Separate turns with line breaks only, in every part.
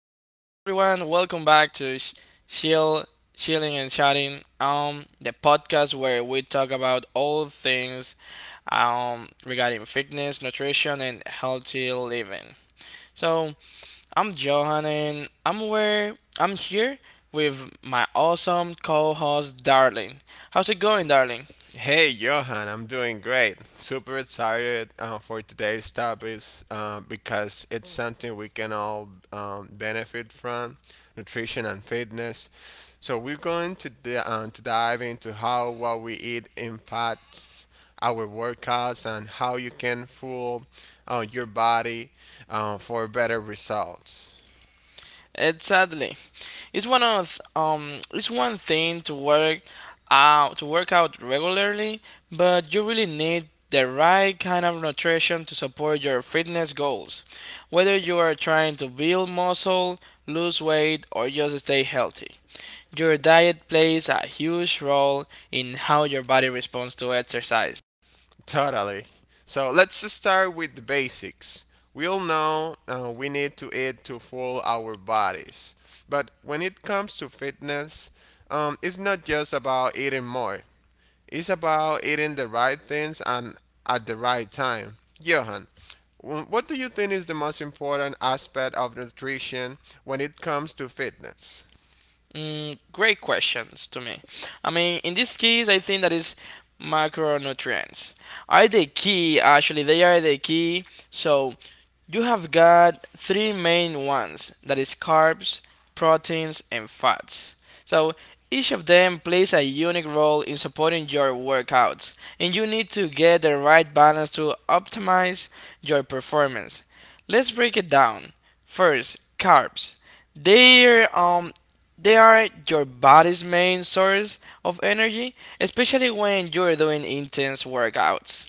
everyone, welcome back to Chill, Chilling and Chatting, the podcast where we talk about all things regarding fitness, nutrition, and healthy living. So I'm Johan, and I'm here with my awesome co-host, Darling. How's it going, Darling?
Hey Johan, I'm doing great. Super excited for today's topic because it's something we can all benefit from nutrition and fitness. So, we're going to, to dive into how what we eat impacts our workouts and how you can fuel your body for better results.
It's Sadly. It's one thing to work out regularly, but you really need the right kind of nutrition to support your fitness goals, whether you are trying to build muscle, lose weight, or just stay healthy. Your diet plays a huge role in how your body responds to exercise.
Totally. So let's start with the basics. We all know we need to eat to fuel our bodies. But when it comes to fitness, it's not just about eating more, it's about eating the right things and at the right time. Johan, what do you think is the most important aspect of nutrition when it comes to fitness?
Great questions to me. I mean, in this case, I think that is macronutrients are the key. Actually, they are the key. So you have got three main ones. That is carbs, proteins, and fats. So each of them plays a unique role in supporting your workouts, and you need to get the right balance to optimize your performance. Let's break it down. First, carbs. They're um they are your body's main source of energy, especially when you're doing intense workouts.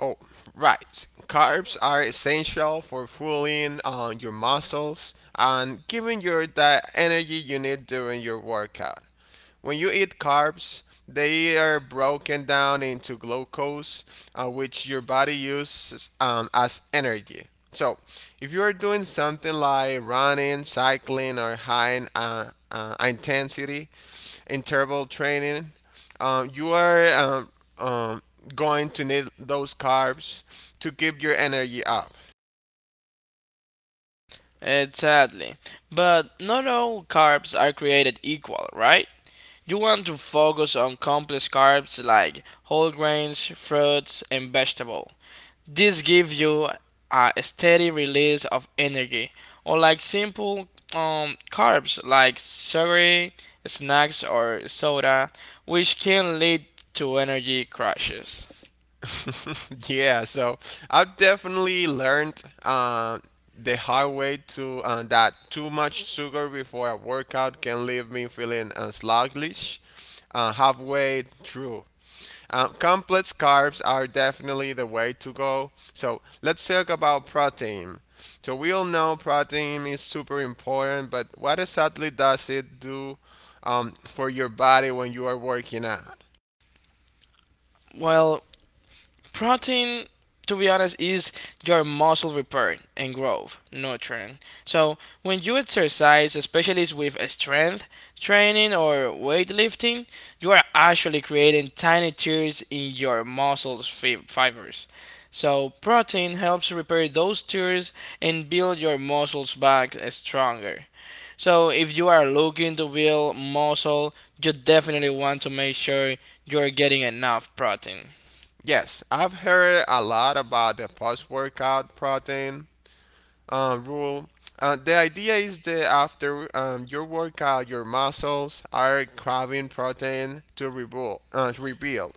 Oh, right. Carbs are essential for fueling your muscles and giving you the energy you need during your workout. When you eat carbs, they are broken down into glucose, which your body uses as energy. So, if you are doing something like running, cycling, or intensity interval training, you are um, going to need those carbs to keep your energy up.
Exactly. But not all carbs are created equal, right? You want to focus on complex carbs like whole grains, fruits, and vegetable. This gives you a steady release of energy, unlike simple carbs like sugary snacks or soda, which can lead to energy crashes.
Yeah, so I've definitely learned the hard way to that too much sugar before a workout can leave me feeling sluggish halfway through. Complex carbs are definitely the way to go. So let's talk about protein. So we all know protein is super important, but what exactly does it do for your body when you are working out?
Well, protein, to be honest, is your muscle repair and growth nurturing. So when you exercise, especially with strength training or weightlifting, you are actually creating tiny tears in your muscles fibers, so protein helps repair those tears and build your muscles back stronger. So if you are looking to build muscle, you definitely want to make sure you're getting enough protein.
Yes, I've heard a lot about the post workout protein rule. The idea is that after your workout, your muscles are craving protein to rebuild. Uh, to rebuild.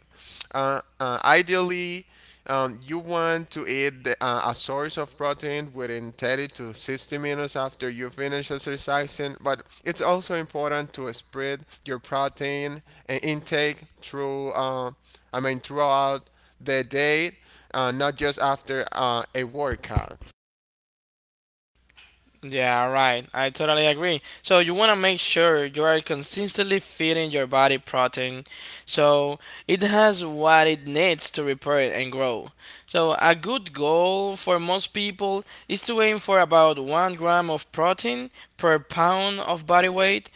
Uh, uh, ideally, um, you want to eat a source of protein within 30 to 60 minutes after you finish exercising, but it's also important to spread your protein intake throughout the day, not just after a workout.
Yeah, right. I totally agree. So you want to make sure you are consistently feeding your body protein so it has what it needs to repair and grow. So a good goal for most people is to aim for about 1 gram of protein per pound of body weight,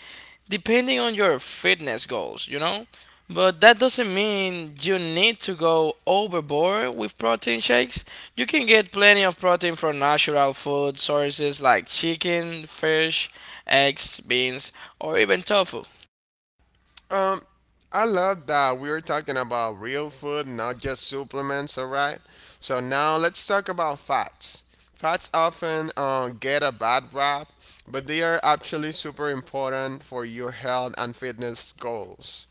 depending on your fitness goals, you know? But that doesn't mean you need to go overboard with protein shakes. You can get plenty of protein from natural food sources like chicken, fish, eggs, beans, or even tofu.
Um, I love that we are talking about real food, not just supplements. All right. So now let's talk about fats. Fats often get a bad rap, but they are actually super important for your health and fitness goals.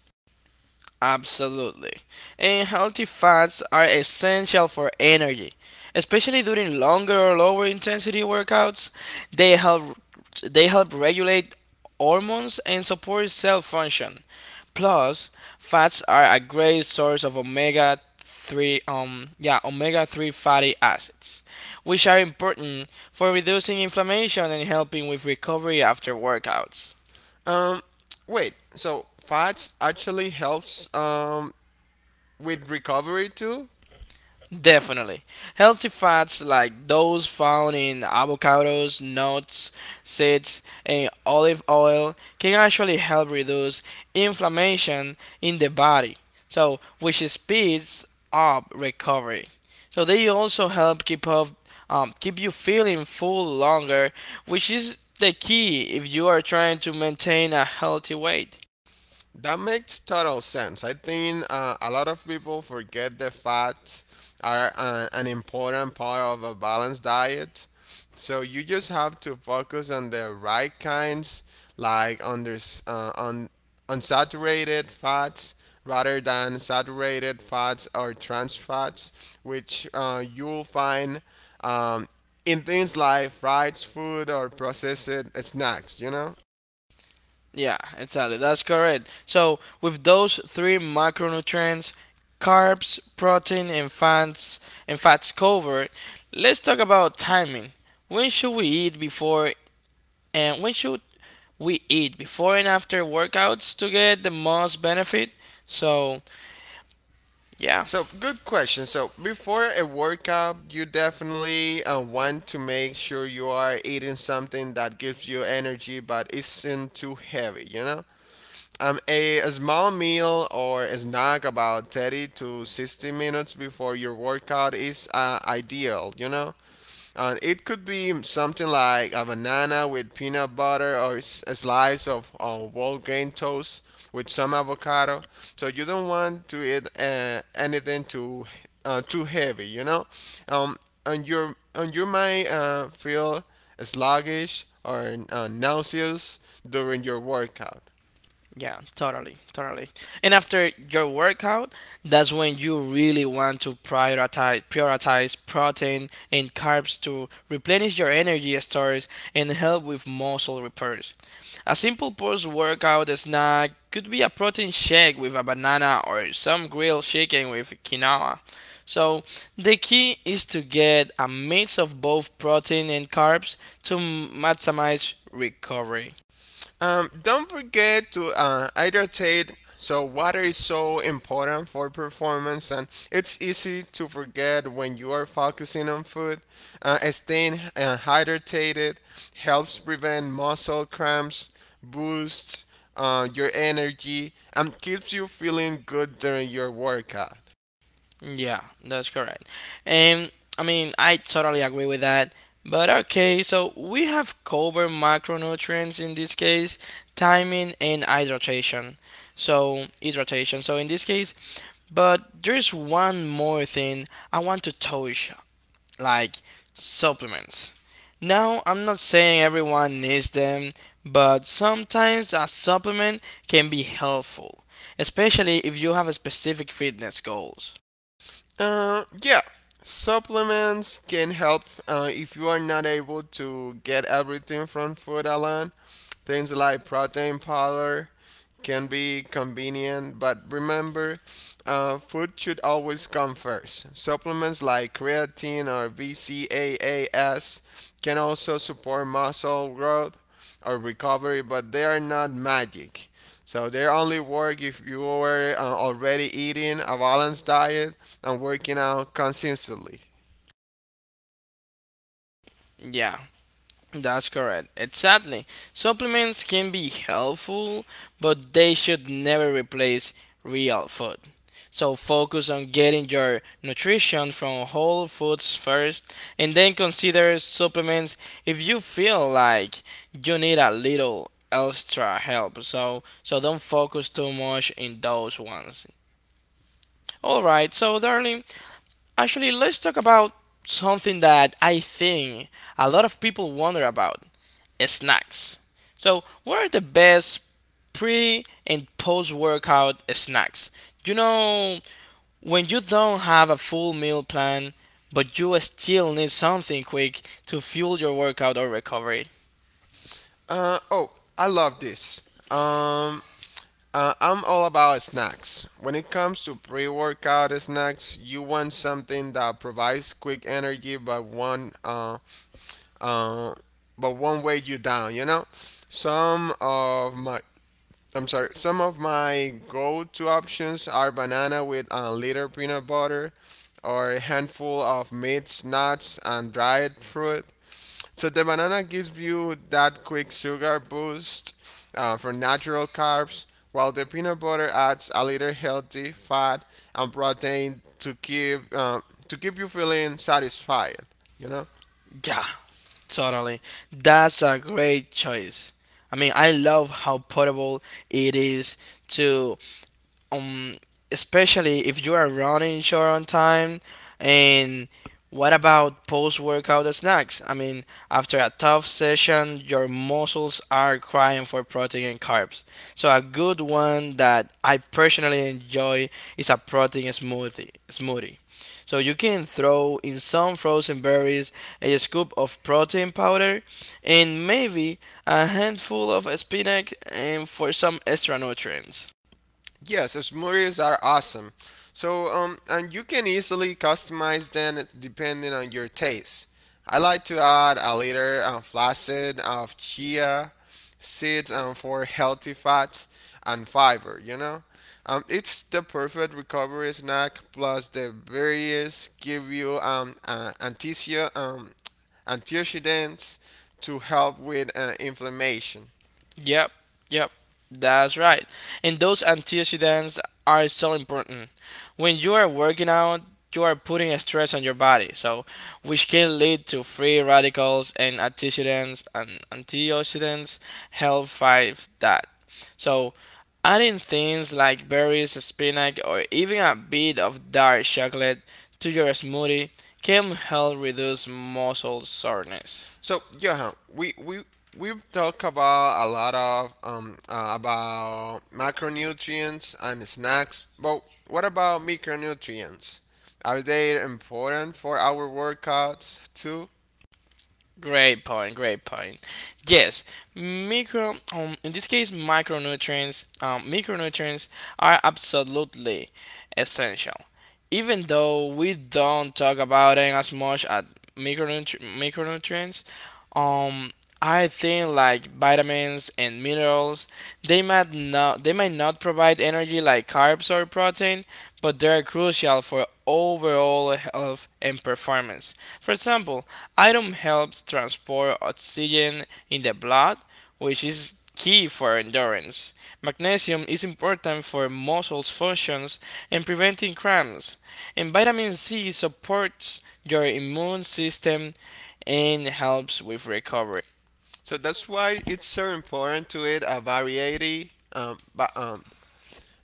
Absolutely. And healthy fats are essential for energy, especially during longer or lower intensity workouts. They help they help regulate hormones and support cell function. Plus, fats are a great source of omega 3 fatty acids, which are important for reducing inflammation and helping with recovery after workouts.
Um, Wait. So fats actually helps with recovery too.
Definitely. Healthy fats like those found in avocados, nuts, seeds, and olive oil can actually help reduce inflammation in the body, so which speeds up recovery. So they also help keep you feeling full longer, which is the key if you are trying to maintain a healthy weight.
That makes total sense. I think a lot of people forget that fats are an important part of a balanced diet. So you just have to focus on the right kinds, like uh, un, unsaturated fats rather than saturated fats or trans fats, which you'll find um, in things like fried food or processed snacks, you know?
Yeah, exactly. That's correct. So, with those three macronutrients, carbs, protein, and fats covered, let's talk about timing. When should we eat before when should we eat before and after workouts to get the most benefit? So, yeah.
So, good question. So, before a workout, you definitely want to make sure you are eating something that gives you energy but isn't too heavy, you know? A small meal or a snack about 30 to 60 minutes before your workout is ideal, you know? And it could be something like a banana with peanut butter or a slice of whole grain toast with some avocado. So you don't want to eat anything too too heavy, you know. Um, and you might feel sluggish or nauseous during your workout.
Yeah, totally, totally. And after your workout, that's when you really want to prioritize protein and carbs to replenish your energy stores and help with muscle repairs. A simple post-workout snack could be a protein shake with a banana or some grilled chicken with quinoa. So, the key is to get a mix of both protein and carbs to maximize recovery.
Don't forget to hydrate. So water is so important for performance, and it's easy to forget when you are focusing on food. Staying hydrated helps prevent muscle cramps, boosts your energy, and keeps you feeling good during your workout.
Yeah, that's correct. And I mean, I totally agree with that. But okay, so we have covered macronutrients in this case, timing and hydration. So, hydration. So, in this case, but there's one more thing I want to touch, like supplements. Now, I'm not saying everyone needs them, but sometimes a supplement can be helpful, especially if you have a specific fitness goals.
Uh, yeah. Supplements can help if you are not able to get everything from food alone. Things like protein powder can be convenient, but remember, food should always come first. Supplements like creatine or VCAAS can also support muscle growth or recovery, but they are not magic. So they only work if you are already eating a balanced diet and working out consistently.
Yeah, that's correct. Exactly. Supplements can be helpful, but they should never replace real food. So focus on getting your nutrition from whole foods first and then consider supplements if you feel like you need a little extra help. So so don't focus too much in those ones. All right, so darling, actually, let's talk about something that I think a lot of people wonder about: snacks. So, what are the best pre and post workout snacks? You know, when you don't have a full meal plan, but you still need something quick to fuel your workout or recovery.
Oh, I love this. Um, I'm all about snacks. When it comes to pre workout snacks, you want something that provides quick energy but one uh, but won't weigh you down, you know? Some of my some of my go to options are banana with a little peanut butter or a handful of meats, nuts and dried fruit so the banana gives you that quick sugar boost from natural carbs, while the peanut butter adds a little healthy fat and protein to keep you feeling satisfied. You know.
Yeah, totally. That's a great choice. I mean, I love how portable it is to. um Especially if you are running short on time. And what about post workout snacks? I mean, after a tough session your muscles are crying for protein and carbs, so a good one that I personally enjoy is a protein smoothie. So you can throw in some frozen berries, a scoop of protein powder, and maybe a handful of spinach and for some extra nutrients.
Yes, smoothies are awesome. So, and you can easily customize them depending on your taste. I like to add a liter of flaccid of chia seeds and for healthy fats and fiber, you know? It's the perfect recovery snack plus the berries give you antioxidants to help with inflammation.
Yep, yep, that's right. And those antioxidants are so important. When you are working out, you are putting a stress on your body, so which can lead to free radicals, and antioxidants help fight that. So adding things like berries, spinach, or even a bit of dark chocolate to your smoothie can help reduce muscle soreness.
So Johan, we've talked about a lot of about macronutrients and snacks, but what about micronutrients? Are they important for our workouts too?
Great point, great point. Yes, micro in this case micronutrients micronutrients are absolutely essential, even though we don't talk about it as much at micronutrients. um I think like vitamins and minerals, they might not provide energy like carbs or protein, but they're crucial for overall health and performance. For example, iron helps transport oxygen in the blood, which is key for endurance. Magnesium is important for muscles functions and preventing cramps. And vitamin C supports your immune system and helps with recovery.
So that's why it's so important to eat a variety um, ba- um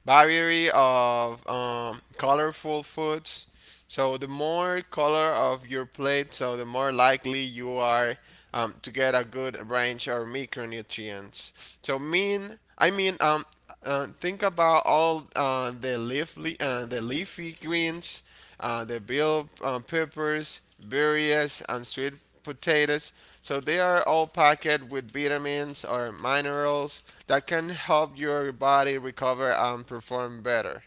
variety of colorful foods. So the more color of your plate, so the more likely you are to get a good range of micronutrients. So mean, I mean, um, think about all the leafy greens, the bell peppers, berries, and sweet potatoes. So they are all packed with vitamins or minerals that can help your body recover and perform better.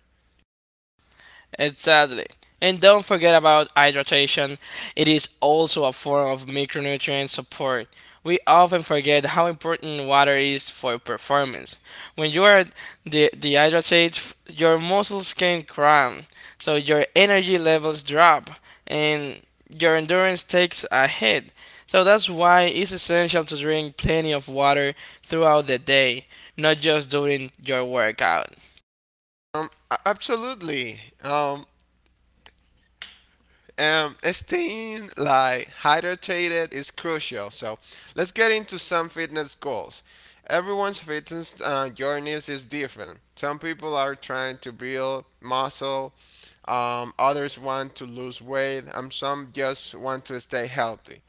Exactly. And don't forget about hydration. It is also a form of micronutrient support. We often forget how important water is for performance. When you are dehydrated, your muscles can cramp, so your energy levels drop, and your endurance takes a hit. So that's why it's essential to drink plenty of water throughout the day, not just during your workout.
Absolutely. Staying like hydrated is crucial. So let's get into some fitness goals. Everyone's fitness journeys is different. Some people are trying to build muscle. Others want to lose weight. And some just want to stay healthy.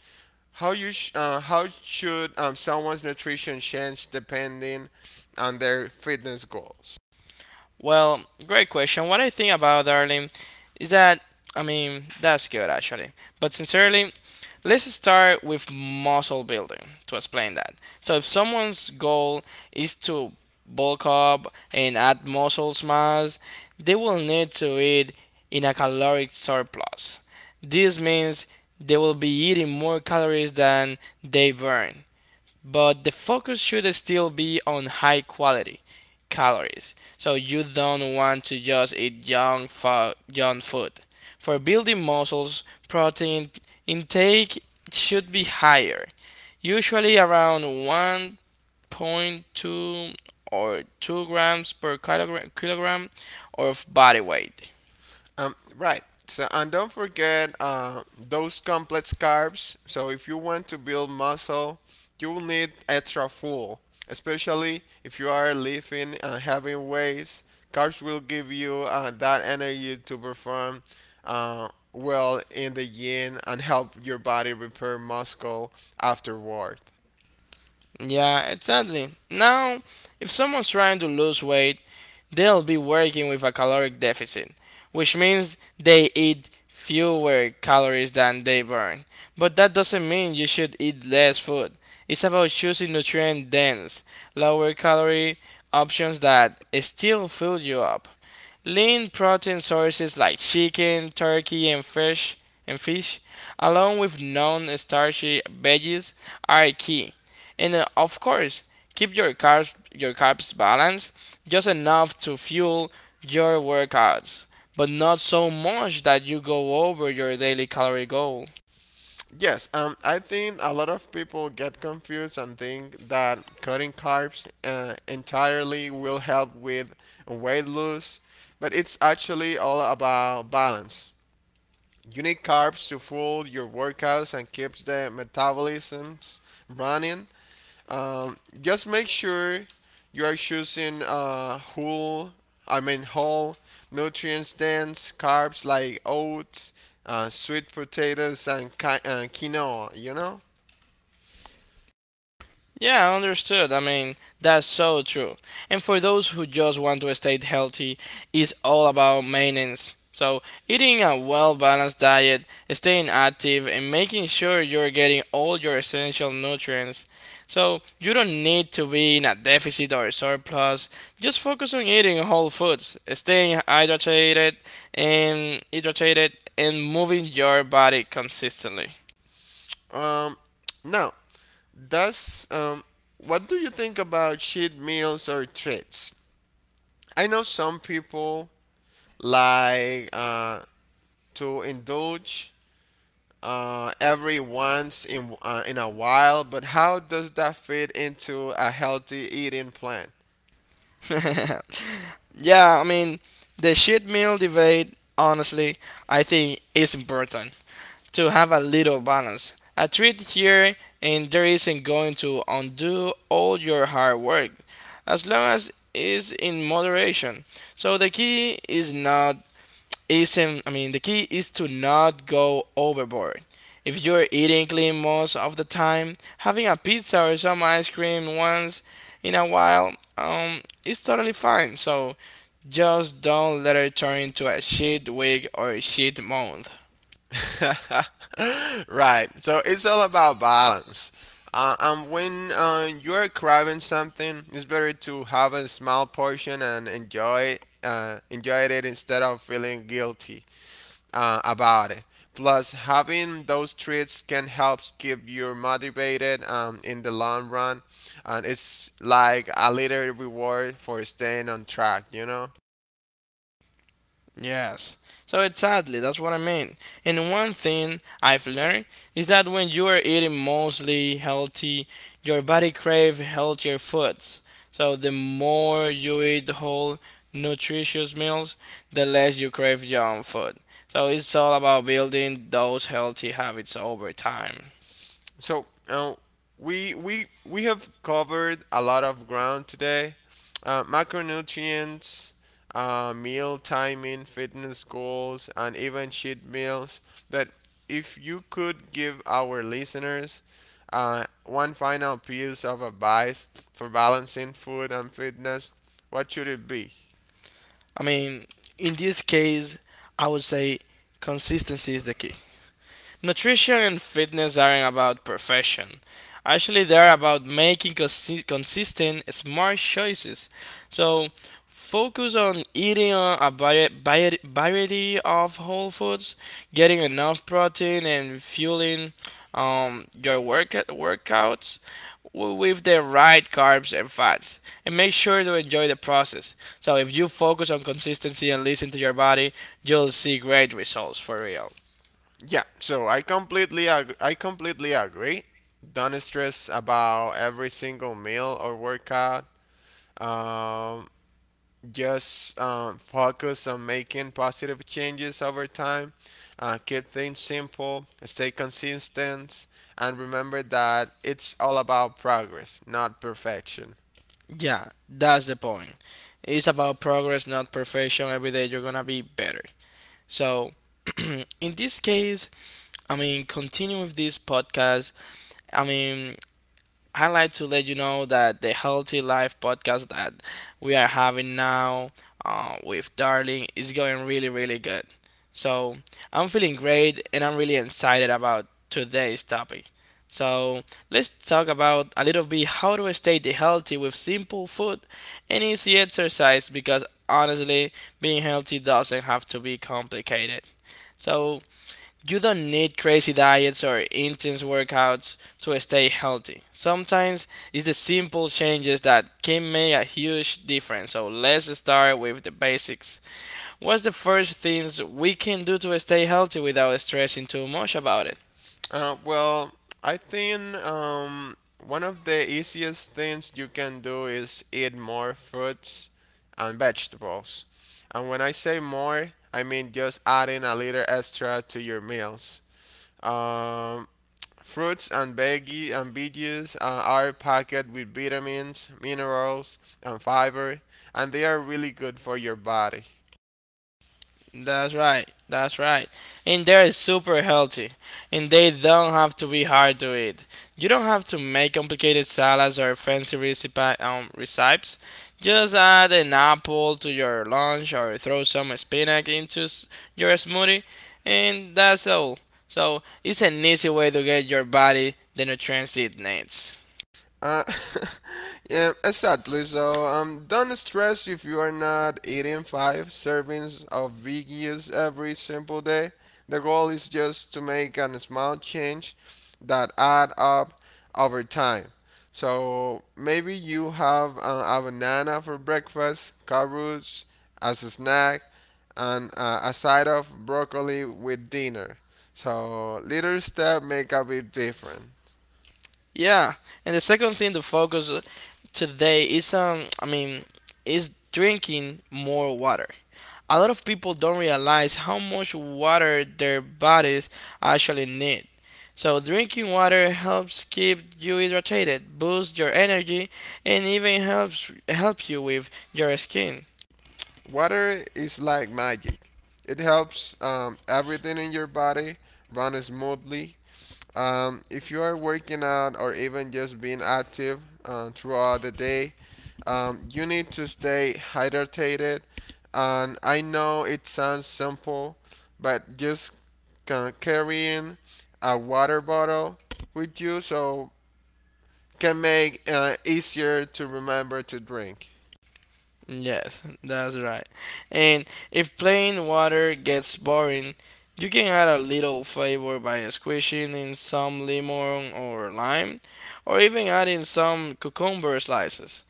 How should someone's nutrition change depending on their fitness goals?
Well, great question. What I think about, darling, is that, I mean, that's good actually. But sincerely, let's start with muscle building to explain that. So if someone's goal is to bulk up and add muscle mass, they will need to eat in a caloric surplus. This means they will be eating more calories than they burn, but the focus should still be on high quality calories. So you don't want to just eat junk food. For building muscles, protein intake should be higher, usually around 1.2 or 2 grams per kilogram of body weight.
Right. So, and don't forget those complex carbs. So, if you want to build muscle, you will need extra fuel, especially if you are lifting and having weights. Carbs will give you that energy to perform well in the yin and help your body repair muscle afterward.
Yeah, exactly. Now, if someone's trying to lose weight, they'll be working with a caloric deficit, which means they eat fewer calories than they burn. But that doesn't mean you should eat less food. It's about choosing nutrient dense, lower calorie options that still fill you up. Lean protein sources like chicken, turkey, and fish, along with non-starchy veggies, are key. And of course, keep your carbs balanced, just enough to fuel your workouts, but not so much that you go over your daily calorie goal.
Yes, I think a lot of people get confused and think that cutting carbs entirely will help with weight loss, but it's actually all about balance. You need carbs to fuel your workouts and keeps the metabolisms running, just make sure you are choosing whole, I mean whole nutrients dense carbs like oats, sweet potatoes, and quinoa. You know.
Yeah, understood. I mean, that's so true. And for those who just want to stay healthy, it's all about maintenance. So, eating a well balanced diet, staying active, and making sure you're getting all your essential nutrients. So, you don't need to be in a deficit or surplus. Just focus on eating whole foods, staying hydrated and hydrated and moving your body consistently.
Um, Now, does what do you think about cheat meals or treats? I know some people like to indulge every once in a while, but how does that fit into a healthy eating plan?
Yeah, I mean, the shit meal debate, honestly, I think is important to have a little balance. A treat here and there isn't going to undo all your hard work, as long as it's in moderation. So the key is to not go overboard. If you're eating clean most of the time, having a pizza or some ice cream once in a while is totally fine. So just don't let it turn into a shit week or shit month.
Right. So it's all about balance. And when you're craving something, it's better to have a small portion and enjoy it instead of feeling guilty about it. Plus, having those treats can help keep you motivated in the long run, and it's like a little reward for staying on track. You know.
Yes. So exactly, that's what I mean. And one thing I've learned is that when you are eating mostly healthy, your body craves healthier foods. So the more you eat whole, nutritious meals, the less you crave junk food. So it's all about building those healthy habits over time.
So we have covered a lot of ground today. Macronutrients, meal timing, fitness goals, and even cheat meals. But if you could give our listeners one final piece of advice for balancing food and fitness, what should it be?
I mean, in this case, I would say consistency is the key. Nutrition and fitness aren't about perfection. Actually, they're about making consistent, smart choices. So, focus on eating a variety of whole foods, getting enough protein, and fueling your workouts with the right carbs and fats, and make sure to enjoy the process. So if you focus on consistency and listen to your body, you'll see great results for real.
Yeah, so I completely agree. Don't stress about every single meal or workout. um, just focus on making positive changes over time, keep things simple, stay consistent, and remember that it's all about progress, not perfection.
Yeah, that's the point. It's about progress, not perfection. Every day you're gonna be better. So, in this case, continue with this podcast. I mean, I like to let you know that the Healthy Life podcast that we are having now with Darling is going really, really good. So I'm feeling great and I'm really excited about today's topic. So let's talk about a little bit how to stay healthy with simple food and easy exercise, because honestly, being healthy doesn't have to be complicated. So you don't need crazy diets or intense workouts to stay healthy. Sometimes it's the simple changes that can make a huge difference. So let's start with the basics. What's the first things we can do to stay healthy without stressing too much about it?
Well, I think one of the easiest things you can do is eat more fruits and vegetables, and when I say more, I mean just adding a little extra to your meals. Um, fruits and veggies are packed with vitamins, minerals, and fiber, and they are really good for your body.
That's right. That's right. And they're super healthy. And they don't have to be hard to eat. You don't have to make complicated salads or fancy recipes. Just add an apple to your lunch or throw some spinach into your smoothie. And that's all. So it's an easy way to get your body the nutrients it needs.
Uh, yeah, exactly. So, don't stress if you are not eating five servings of veggies every simple day. The goal is just to make a small change that add up over time. So maybe you have a banana for breakfast, carrots as a snack, and a side of broccoli with dinner. So little step make a big difference.
Yeah, and the second thing to focus today is is drinking more water. A lot of people don't realize how much water their bodies actually need. So drinking water helps keep you hydrated, boosts your energy, and even helps help you with your skin.
Water is like magic. It helps everything in your body run smoothly. If you are working out or even just being active throughout the day, you need to stay hydrated. And I know it sounds simple, but just carrying a water bottle with you so can make easier to remember to drink.
Yes, that's right. And if plain water gets boring, you can add a little flavor by squishing in some lemon or lime, or even adding some cucumber slices.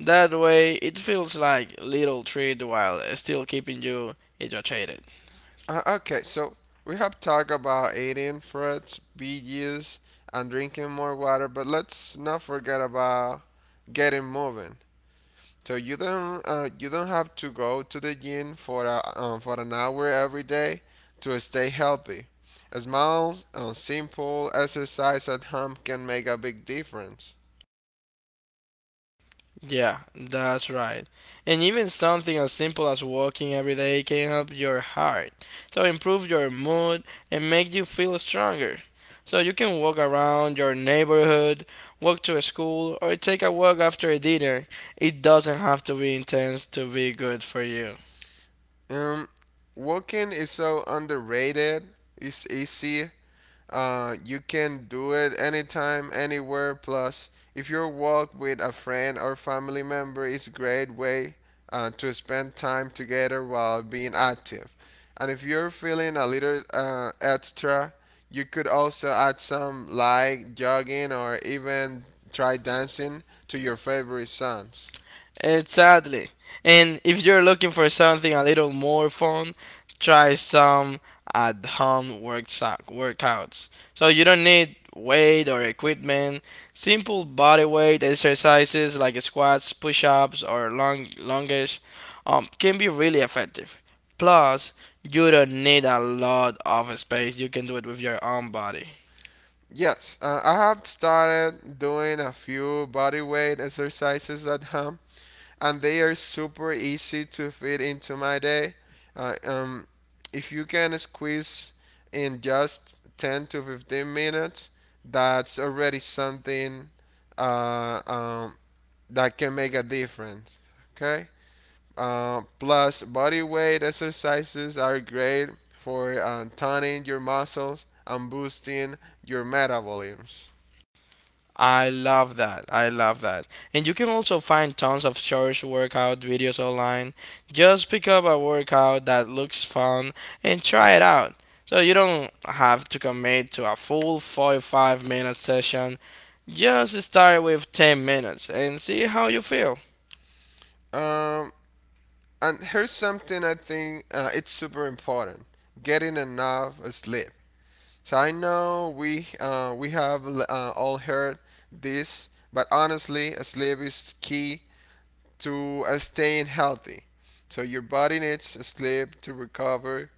That way, it feels like little treat while still keeping you hydrated.
Okay, so we have talked about eating fruits, veggies, and drinking more water, but let's not forget about getting moving. So you don't have to go to the gym for for an hour every day to stay healthy. A small, simple exercise at home can make a big difference.
Yeah, that's right. And even something as simple as walking every day can help your heart. So improve your mood and make you feel stronger. So you can walk around your neighborhood, walk to a school, or take a walk after a dinner. It doesn't have to be intense to be good for you.
Um, Walking is so underrated. It's easy. You can do it anytime, anywhere. Plus, if you walk with a friend or family member, it's a great way to spend time together while being active. And if you're feeling a little extra, you could also add some like jogging or even try dancing to your favorite songs.
Exactly. And if you're looking for something a little more fun, try some at home workouts. So you don't need weight or equipment. Simple body weight exercises like squats, push ups, or long lunges can be really effective. Plus, you don't need a lot of space. You can do it with your own body.
Yes, I have started doing a few body weight exercises at home, and they are super easy to fit into my day. Uh, um, if you can squeeze in just 10 to 15 minutes, that's already something uh, um, that can make a difference. Okay? Plus, body weight exercises are great for toning your muscles and boosting your metabolisms.
I love that. I love that. And you can also find tons of short workout videos online. Just pick up a workout that looks fun and try it out. So you don't have to commit to a full 45-minute session. Just start with 10 minutes and see how you feel.
Um, and here's something I think it's super important: getting enough sleep. So I know we have all heard this, but honestly, sleep is key to staying healthy. So your body needs sleep to recover,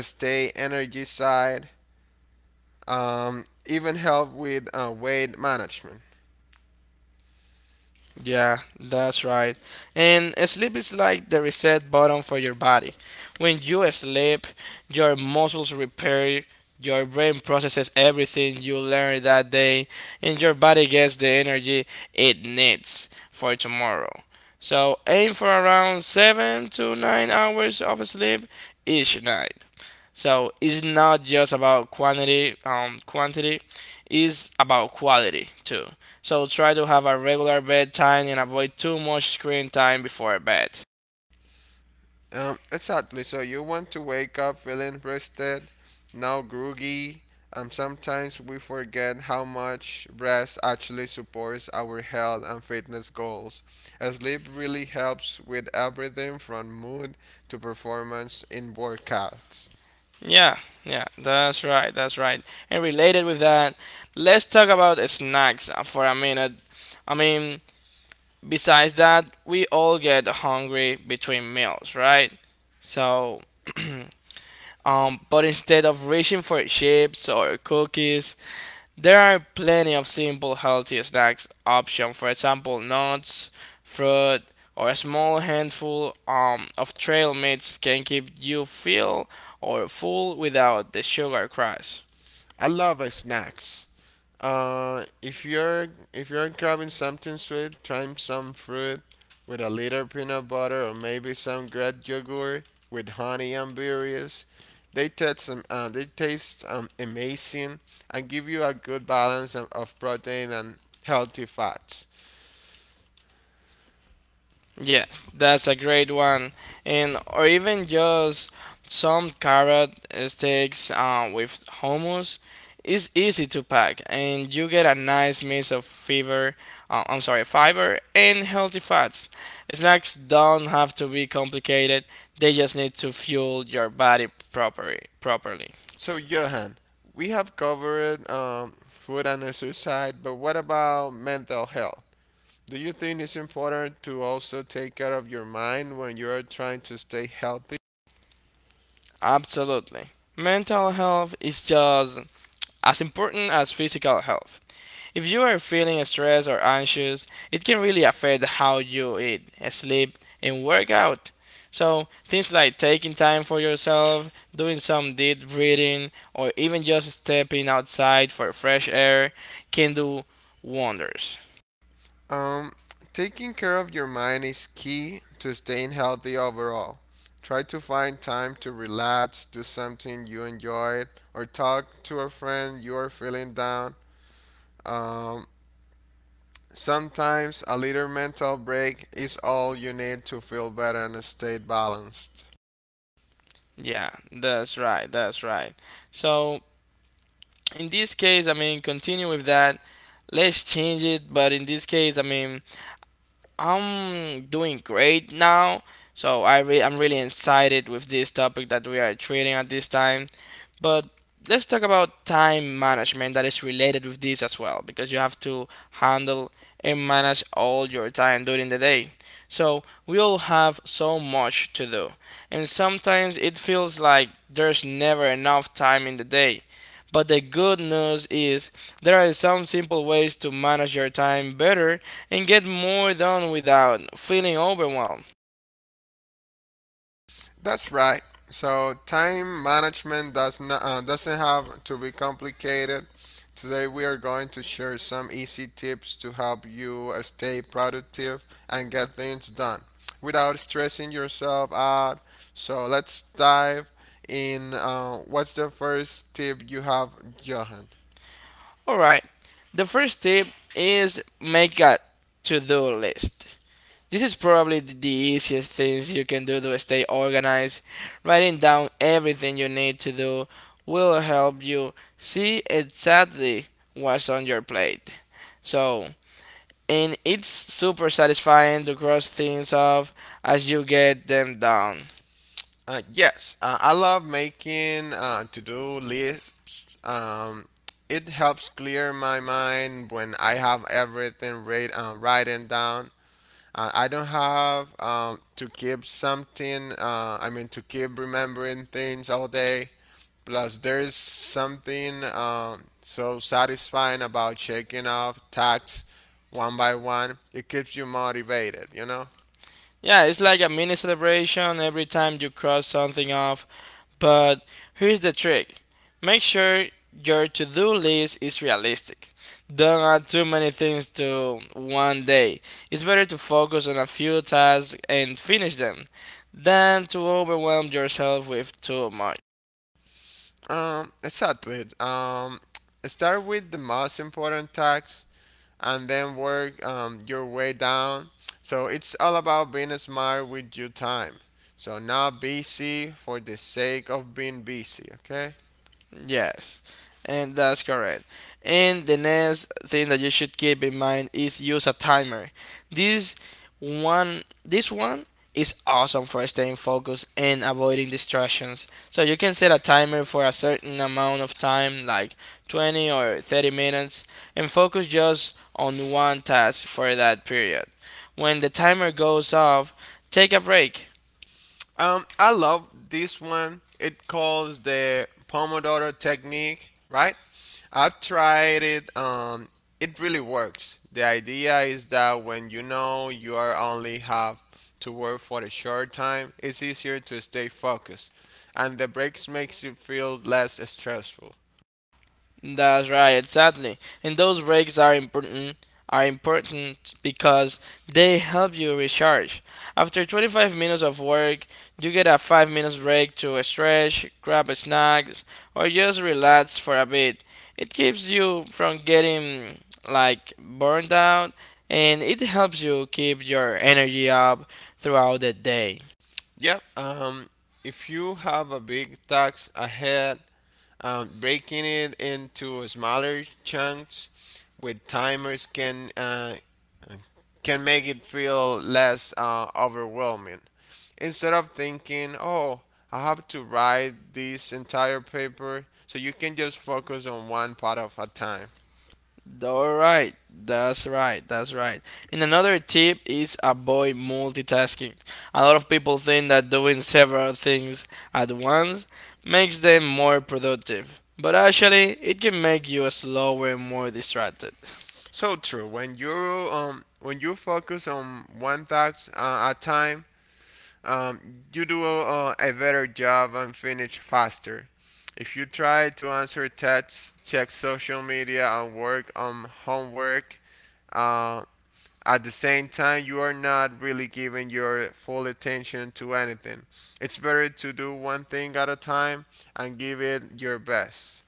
stay energized, even help with weight management.
Yeah, that's right. And sleep is like the reset button for your body. When you sleep, your muscles repair, your brain processes everything you learned that day, and your body gets the energy it needs for tomorrow. So aim for around 7 to 9 hours of sleep each night. So it's not just about quantity, it's about quality too. So try to have a regular bedtime and avoid too much screen time before bed.
Exactly. So you want to wake up feeling rested, not groggy. Sometimes we forget how much rest actually supports our health and fitness goals. Sleep really helps with everything from mood to performance in workouts.
Yeah, yeah, that's right, that's right. And related with that, let's talk about snacks for a minute. I mean, besides that, we all get hungry between meals, right? So, but instead of reaching for chips or cookies, there are plenty of simple healthy snacks options, for example, nuts, fruit, or a small handful of trail mix can keep you feel or full without the sugar crash.
I love snacks. If you're grabbing something sweet, try some fruit with a little peanut butter or maybe some great yogurt with honey and berries. They taste amazing and give you a good balance of protein and healthy fats.
Yes, that's a great one. And or even just some carrot sticks with hummus is easy to pack and you get a nice mix of fiber and healthy fats. Snacks don't have to be complicated. They just need to fuel your body properly.
So Johan, we have covered food and exercise, but what about mental health? Do you think it's important to also take care of your mind when you are trying to stay healthy?
Absolutely. Mental health is just as important as physical health. If you are feeling stressed or anxious, it can really affect how you eat, sleep, and work out. So, things like taking time for yourself, doing some deep breathing, or even just stepping outside for fresh air can do wonders.
Um, Taking care of your mind is key to staying healthy overall. Try to find time to relax, do something you enjoy, or talk to a friend you are feeling down. Um, Sometimes a little mental break is all you need to feel better and stay balanced.
Yeah, that's right, that's right. So, in this case, continue with that. Let's change it, but in this case, I'm doing great now, so I'm really excited with this topic that we are treating at this time. But let's talk about time management that is related with this as well, because you have to handle and manage all your time during the day. So we all have so much to do, and sometimes it feels like there's never enough time in the day. But the good news is there are some simple ways to manage your time better and get more done without feeling overwhelmed.
That's right. So time management doesn't have to be complicated. Today we are going to share some easy tips to help you stay productive and get things done without stressing yourself out. So let's dive in. What's the first tip you have, Johan?
Alright, the first tip is make a to do list. This is probably the easiest things you can do to stay organized. Writing down everything you need to do will help you see exactly what's on your plate. So, and it's super satisfying to cross things off as you get them down.
Yes, I love making to-do lists. It helps clear my mind when I have everything written down. I don't have to keep something, I mean, to keep remembering things all day. Plus, there's something so satisfying about checking off tasks one by one. It keeps you motivated, you know?
Yeah, it's like a mini celebration every time you cross something off, but here's the trick: make sure your to do list is realistic. Don't add too many things to one day. It's better to focus on a few tasks and finish them than to overwhelm yourself with too much.
Exactly. Start with the most important tasks and then work your way down. So it's all about being smart with your time. So not busy for the sake of being busy, okay?
Yes, and that's correct. And the next thing that you should keep in mind is use a timer. This this one is awesome for staying focused and avoiding distractions. So you can set a timer for a certain amount of time, like 20 or 30 minutes, and focus just on one task for that period. When the timer goes off, take a break.
I love this one. It calls the Pomodoro technique, right? I've tried it. It really works. The idea is that when you know you are only have to work for a short time, it's easier to stay focused, and the breaks makes you feel less stressful.
That's right, exactly. And those breaks are important because they help you recharge. After 25 minutes of work, you get a 5 minutes break to stretch, grab a snack, or just relax for a bit. It keeps you from getting like burned out and it helps you keep your energy up throughout the day.
Yep. If you have a big task ahead, breaking it into smaller chunks with timers can make it feel less overwhelming. Instead of thinking, "Oh, I have to write this entire paper," so you can just focus on one part of a time.
All right, that's right, that's right. And another tip is avoid multitasking. A lot of people think that doing several things at once makes them more productive, but actually, it can make you slower and more distracted.
So true. When you focus on one task at a time, you do a better job and finish faster. If you try to answer texts, check social media, and work on homework, uh, at the same time, you are not really giving your full attention to anything. It's better to do one thing at a time and give it your best.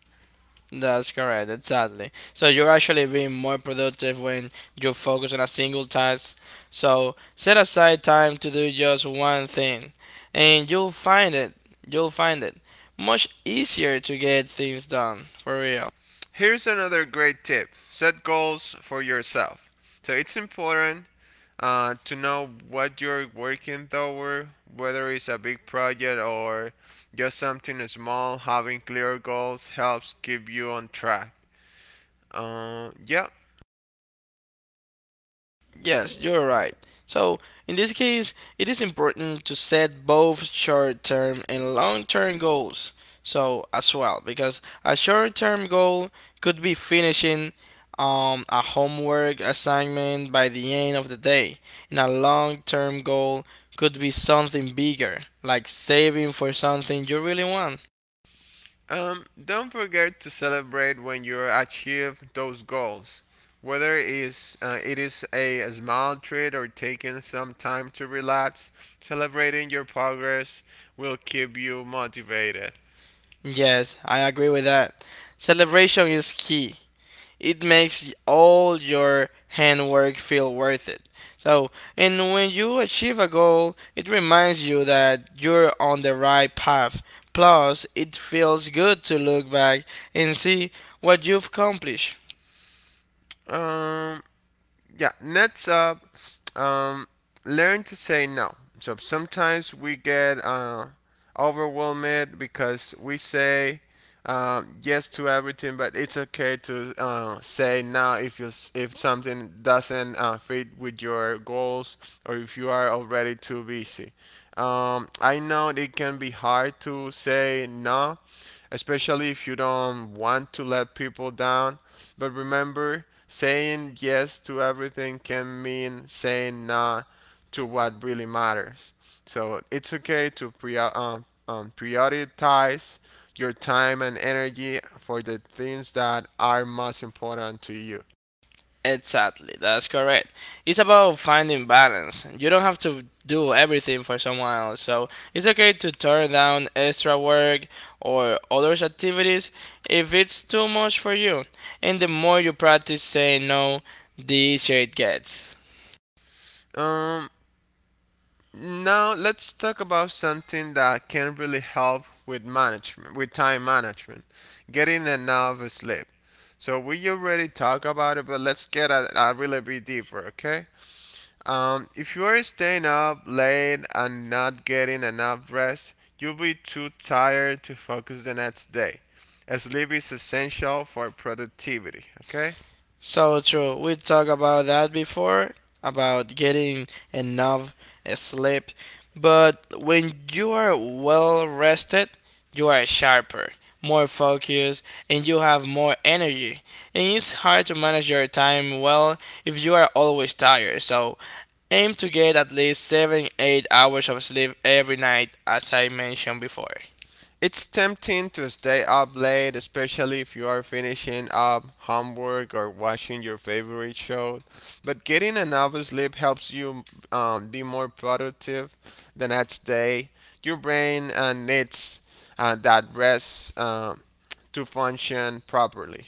That's correct, exactly. So you're actually being more productive when you focus on a single task. So set aside time to do just one thing, and you'll find it much easier to get things done for real.
Here's another great tip set goals for yourself. So it's important to know what you're working toward, whether it's a big project or just something small. Having clear goals helps keep you on track. Uh, yeah.
Yes, you're right. So, in this case, it is important to set both short term and long term goals. So, as well, because a short term goal could be finishing a homework assignment by the end of the day, and a long term goal could be something bigger, like saving for something you really want.
Don't forget to celebrate when you achieve those goals. Whether it is a small treat or taking some time to relax, celebrating your progress will keep you motivated.
Yes, I agree with that. Celebration is key. It makes all your handwork feel worth it. So, and when you achieve a goal, it reminds you that you're on the right path. Plus, it feels good to look back and see what you've accomplished.
Um, yeah. Next up, um, learn to say no. So sometimes we get overwhelmed because we say yes to everything, but it's okay to say no if you if something doesn't fit with your goals or if you are already too busy. I know it can be hard to say no especially if you don't want to let people down. But remember, saying yes to everything can mean saying no to what really matters. So it's okay to prioritize your time and energy for the things that are most important to you.
Exactly, that's correct. It's about finding balance. You don't have to do everything for someone else, so it's okay to turn down extra work or other activities if it's too much for you. And the more you practice saying no, the easier it gets.
Um, Now let's talk about something that can really help with management, with time management, getting enough sleep. So we already talked about it, but let's get a really bit deeper, okay? If you are staying up late and not getting enough rest, you'll be too tired to focus the next day. Sleep is essential for productivity, okay?
So true. We talked about that before, about getting enough sleep. But when you are well rested, you are sharper, more focused, and you have more energy. And it's hard to manage your time well if you are always tired. So aim to get at least 7 8 hours of sleep every night, as I mentioned before.
It's tempting to stay up late, especially if you are finishing up homework or watching your favorite show. But getting enough sleep helps you be more productive the next day. Your brain needs that rest to function properly.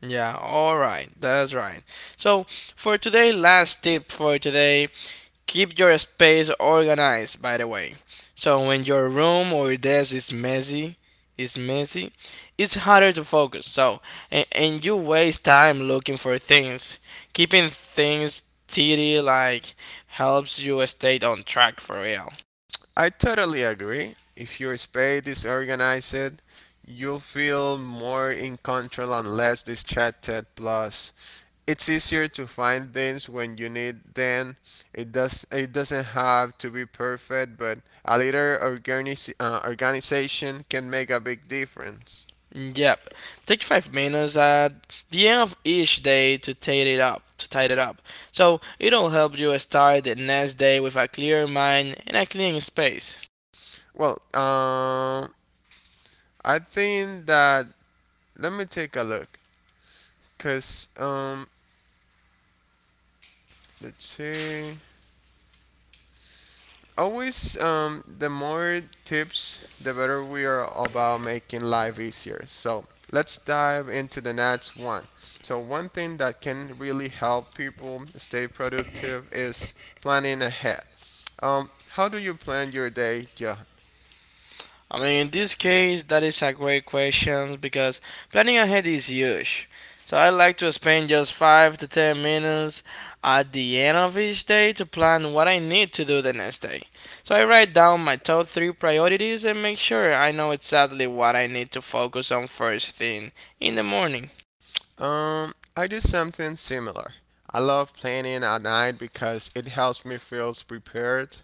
Yeah, all right, that's right. So, for today, last tip for today: keep your space organized, by the way. So when your room or desk is is messy, it's harder to focus. So and you waste time looking for things. Keeping things tidy like helps you stay on track for real.
I totally agree. If your space is organized, you'll feel more in control and less distracted. Plus, it's easier to find things when you need them. It does. It doesn't have to be perfect, but a little organization can make a big difference.
Yep. Take 5 minutes at the end of each day to tidy it up. To tidy it up. So it'll help you start the next day with a clear mind and a clean space.
Well, I think that let me take a look, cause let's see. Always the more tips the better we are about making life easier, so let's dive into the next one. So one thing that can really help people stay productive is planning ahead. How do you plan your day, Johan?
I mean, in this case, that is a great question because planning ahead is huge. So I like to spend just 5 to 10 minutes at the end of each day to plan what I need to do the next day. So I write down my top 3 priorities and make sure I know exactly what I need to focus on first thing in the morning.
I do something similar. I love planning at night because it helps me feel prepared.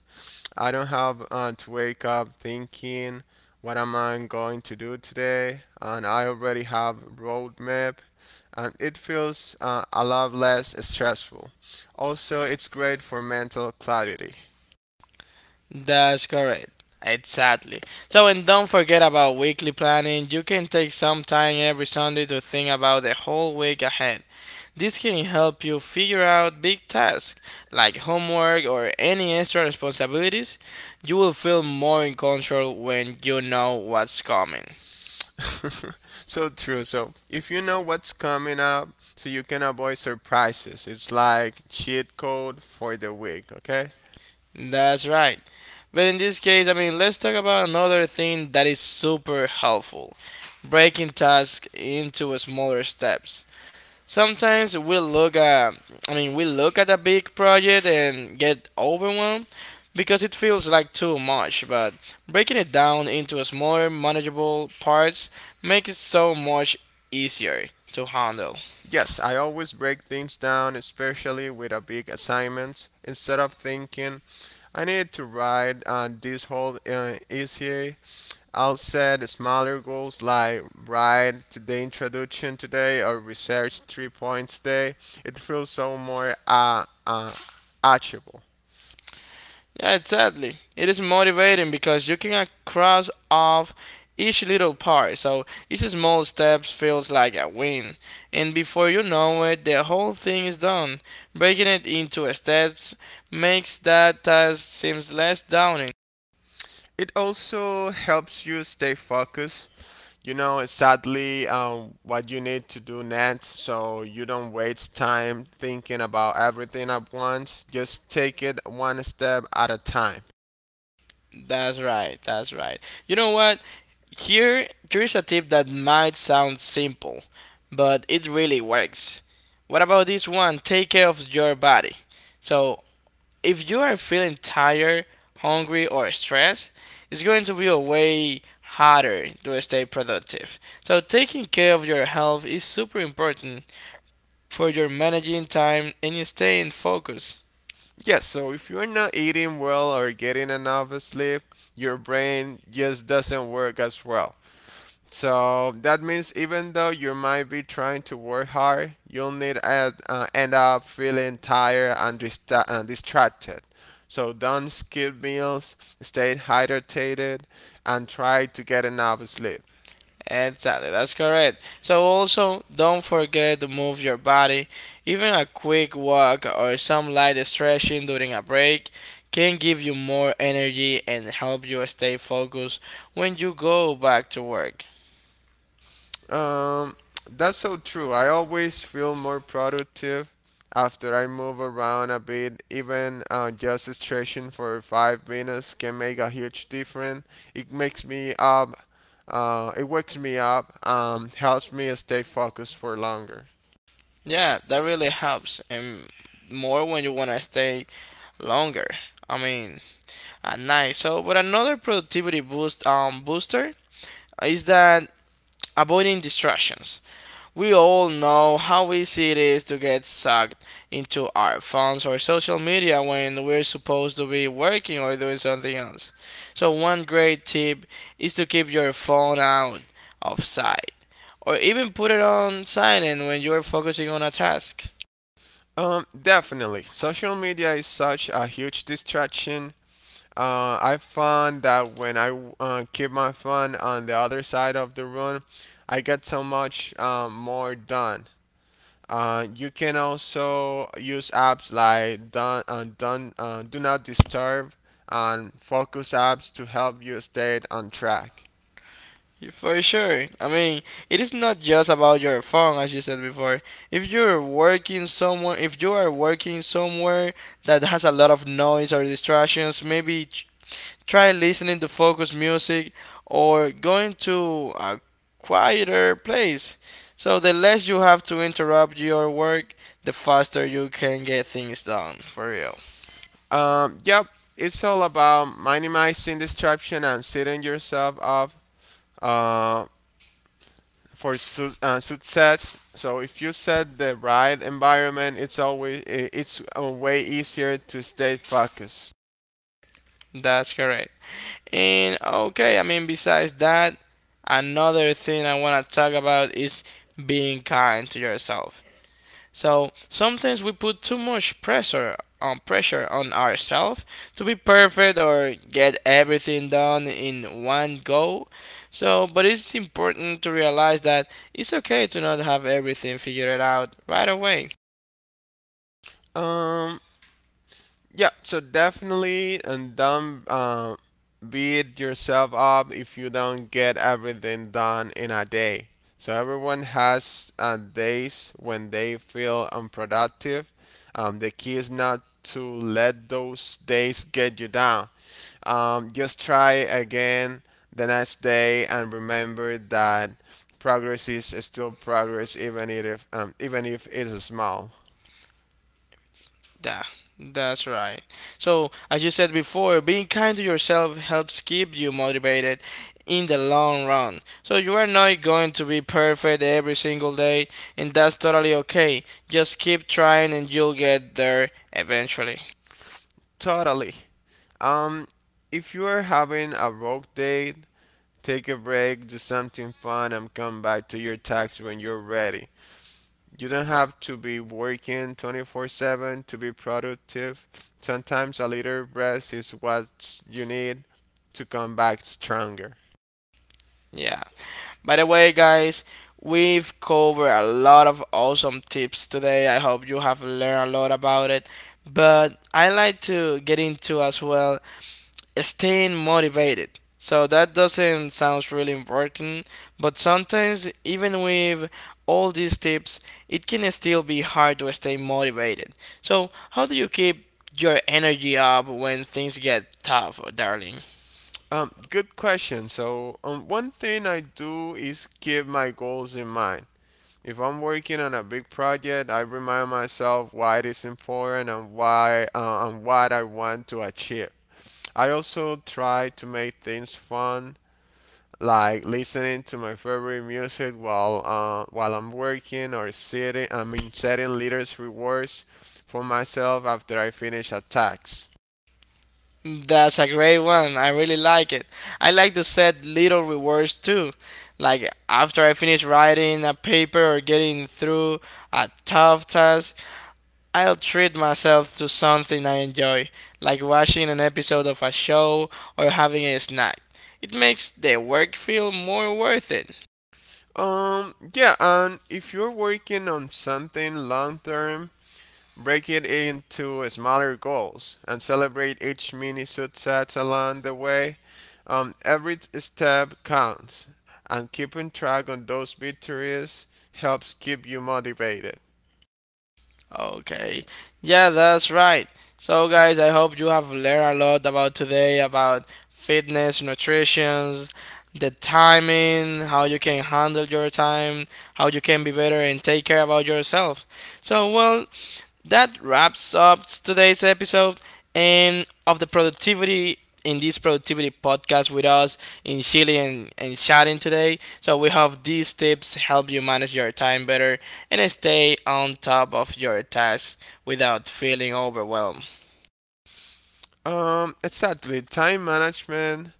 I don't have to wake up thinking, what am I going to do today? And I already have roadmap, and it feels a lot less stressful. Also, it's great for mental clarity.
That's correct. Exactly. So, and don't forget about weekly planning. You can take some time every Sunday to think about the whole week ahead. This can help you figure out big tasks like homework or any extra responsibilities. You will feel more in control when you know what's coming.
So true. So if you know what's coming up, so you can avoid surprises. It's like cheat code for the week. Okay.
That's right. But in this case, I mean, let's talk about another thing that is super helpful: breaking tasks into smaller steps. Sometimes we look at, I mean, we look at a big project and get overwhelmed because it feels like too much, but breaking it down into smaller, manageable parts makes it so much easier to handle.
Yes, I always break things down, especially with a big assignment. Instead of thinking, I need to write this whole essay, I'll set smaller goals like write the introduction today or research three points today. It feels so more achievable.
Yeah, exactly. It is motivating because you can cross off each little part, so each small step feels like a win. And before you know it, the whole thing is done. Breaking it into steps makes that task seems less daunting.
It also helps you stay focused. You know, sadly, what you need to do next so you don't waste time thinking about everything at once. Just take it one step at a time.
That's right, that's right. You know what? Here's a tip that might sound simple, but it really works. What about this one? Take care of your body. So, if you are feeling tired, hungry, or stressed, it's going to be a way harder to stay productive. So, taking care of your health is super important for your managing time and staying focused.
Yes. So if you're not eating well or getting enough sleep, your brain just doesn't work as well. So that means even though you might be trying to work hard, you'll need end up feeling tired and distracted. So don't skip meals, stay hydrated, and try to get enough sleep.
Exactly, that's correct. So, also don't forget to move your body. Even a quick walk or some light stretching during a break can give you more energy and help you stay focused when you go back to work.
Um, that's so true. I always feel more productive after I move around a bit. Even just stretching for 5 minutes can make a huge difference. It makes me up. It wakes me up. Helps me stay focused for longer.
Yeah, that really helps, and more when you want to stay longer. I mean, at night. So, but another productivity booster is that avoiding distractions. We all know how easy it is to get sucked into our phones or social media when we're supposed to be working or doing something else. So, one great tip is to keep your phone out of sight or even put it on silent when you're focusing on a task.
Definitely. Social media is such a huge distraction. I found that when I keep my phone on the other side of the room, I get so much more done. You can also use apps like Do Not Disturb and Focus apps to help you stay on track.
For sure. I mean, it is not just about your phone, as you said before. If you're working somewhere, if you are working somewhere that has a lot of noise or distractions, maybe try listening to focus music or going to a quieter place. So the less you have to interrupt your work, the faster you can get things done. For real.
Yep, it's all about minimizing distraction and setting yourself up uh, for success. So if you set the right environment, it's always I- it's way easier to stay focused.
That's correct. And okay, I mean, besides that, another thing I want to talk about is being kind to yourself. So sometimes we put too much pressure on ourselves to be perfect or get everything done in one go. So, but it's important to realize that it's okay to not have everything figured out right away.
Um, Yeah, so definitely, and don't beat yourself up if you don't get everything done in a day. So everyone has days when they feel unproductive. The key is not to let those days get you down. Just try again the next day and remember that progress is still progress, even if it is small.
Yeah, that's right. So, as you said before, being kind to yourself helps keep you motivated in the long run. So, you are not going to be perfect every single day, and that's totally okay. Just keep trying, and you'll get there eventually.
Totally. Um, if you are having a work day, take a break, do something fun, and come back to your task when you're ready. You don't have to be working 24/7 to be productive. Sometimes a little rest is what you need to come back stronger.
Yeah. By the way, guys, we've covered a lot of awesome tips today. I hope you have learned a lot about it. But I like to get into as well staying motivated. So that doesn't sound really important, but sometimes even with all these tips, it can still be hard to stay motivated. So how do you keep your energy up when things get tough, darling?
Good question. One thing I do is keep my goals in mind. If I'm working on a big project, I remind myself why it is important and why and what I want to achieve. I also try to make things fun, like listening to my favorite music while I'm working or sitting. I mean, setting little rewards for myself after I finish a task.
That's a great one. I really like it. I like to set little rewards too. Like after I finish writing a paper or getting through a tough task, I'll treat myself to something I enjoy, like watching an episode of a show or having a snack. It makes the work feel more worth it.
Yeah, and if you're working on something long term, break it into smaller goals and celebrate each mini success along the way. Every step counts, and keeping track on those victories helps keep you motivated.
Okay. Yeah, that's right. So guys, I hope you have learned a lot about today about fitness, nutrition, the timing, how you can handle your time, how you can be better and take care about yourself. So well, that wraps up today's episode and of the productivity in this productivity podcast with us in Chile and chatting today. So we hope these tips help you manage your time better and stay on top of your tasks without feeling overwhelmed.
Exactly. Time management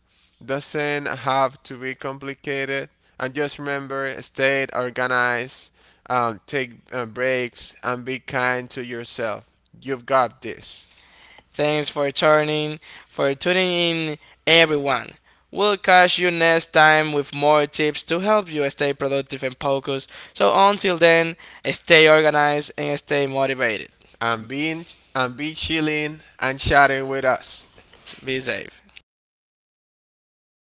doesn't have to be complicated. And just remember, stay organized, take breaks, and be kind to yourself. You've got this.
Thanks for turning for tuning in everyone. We'll catch you next time with more tips to help you stay productive and focused. So until then, stay organized and stay motivated.
And being and be chilling and chatting with us.
Me and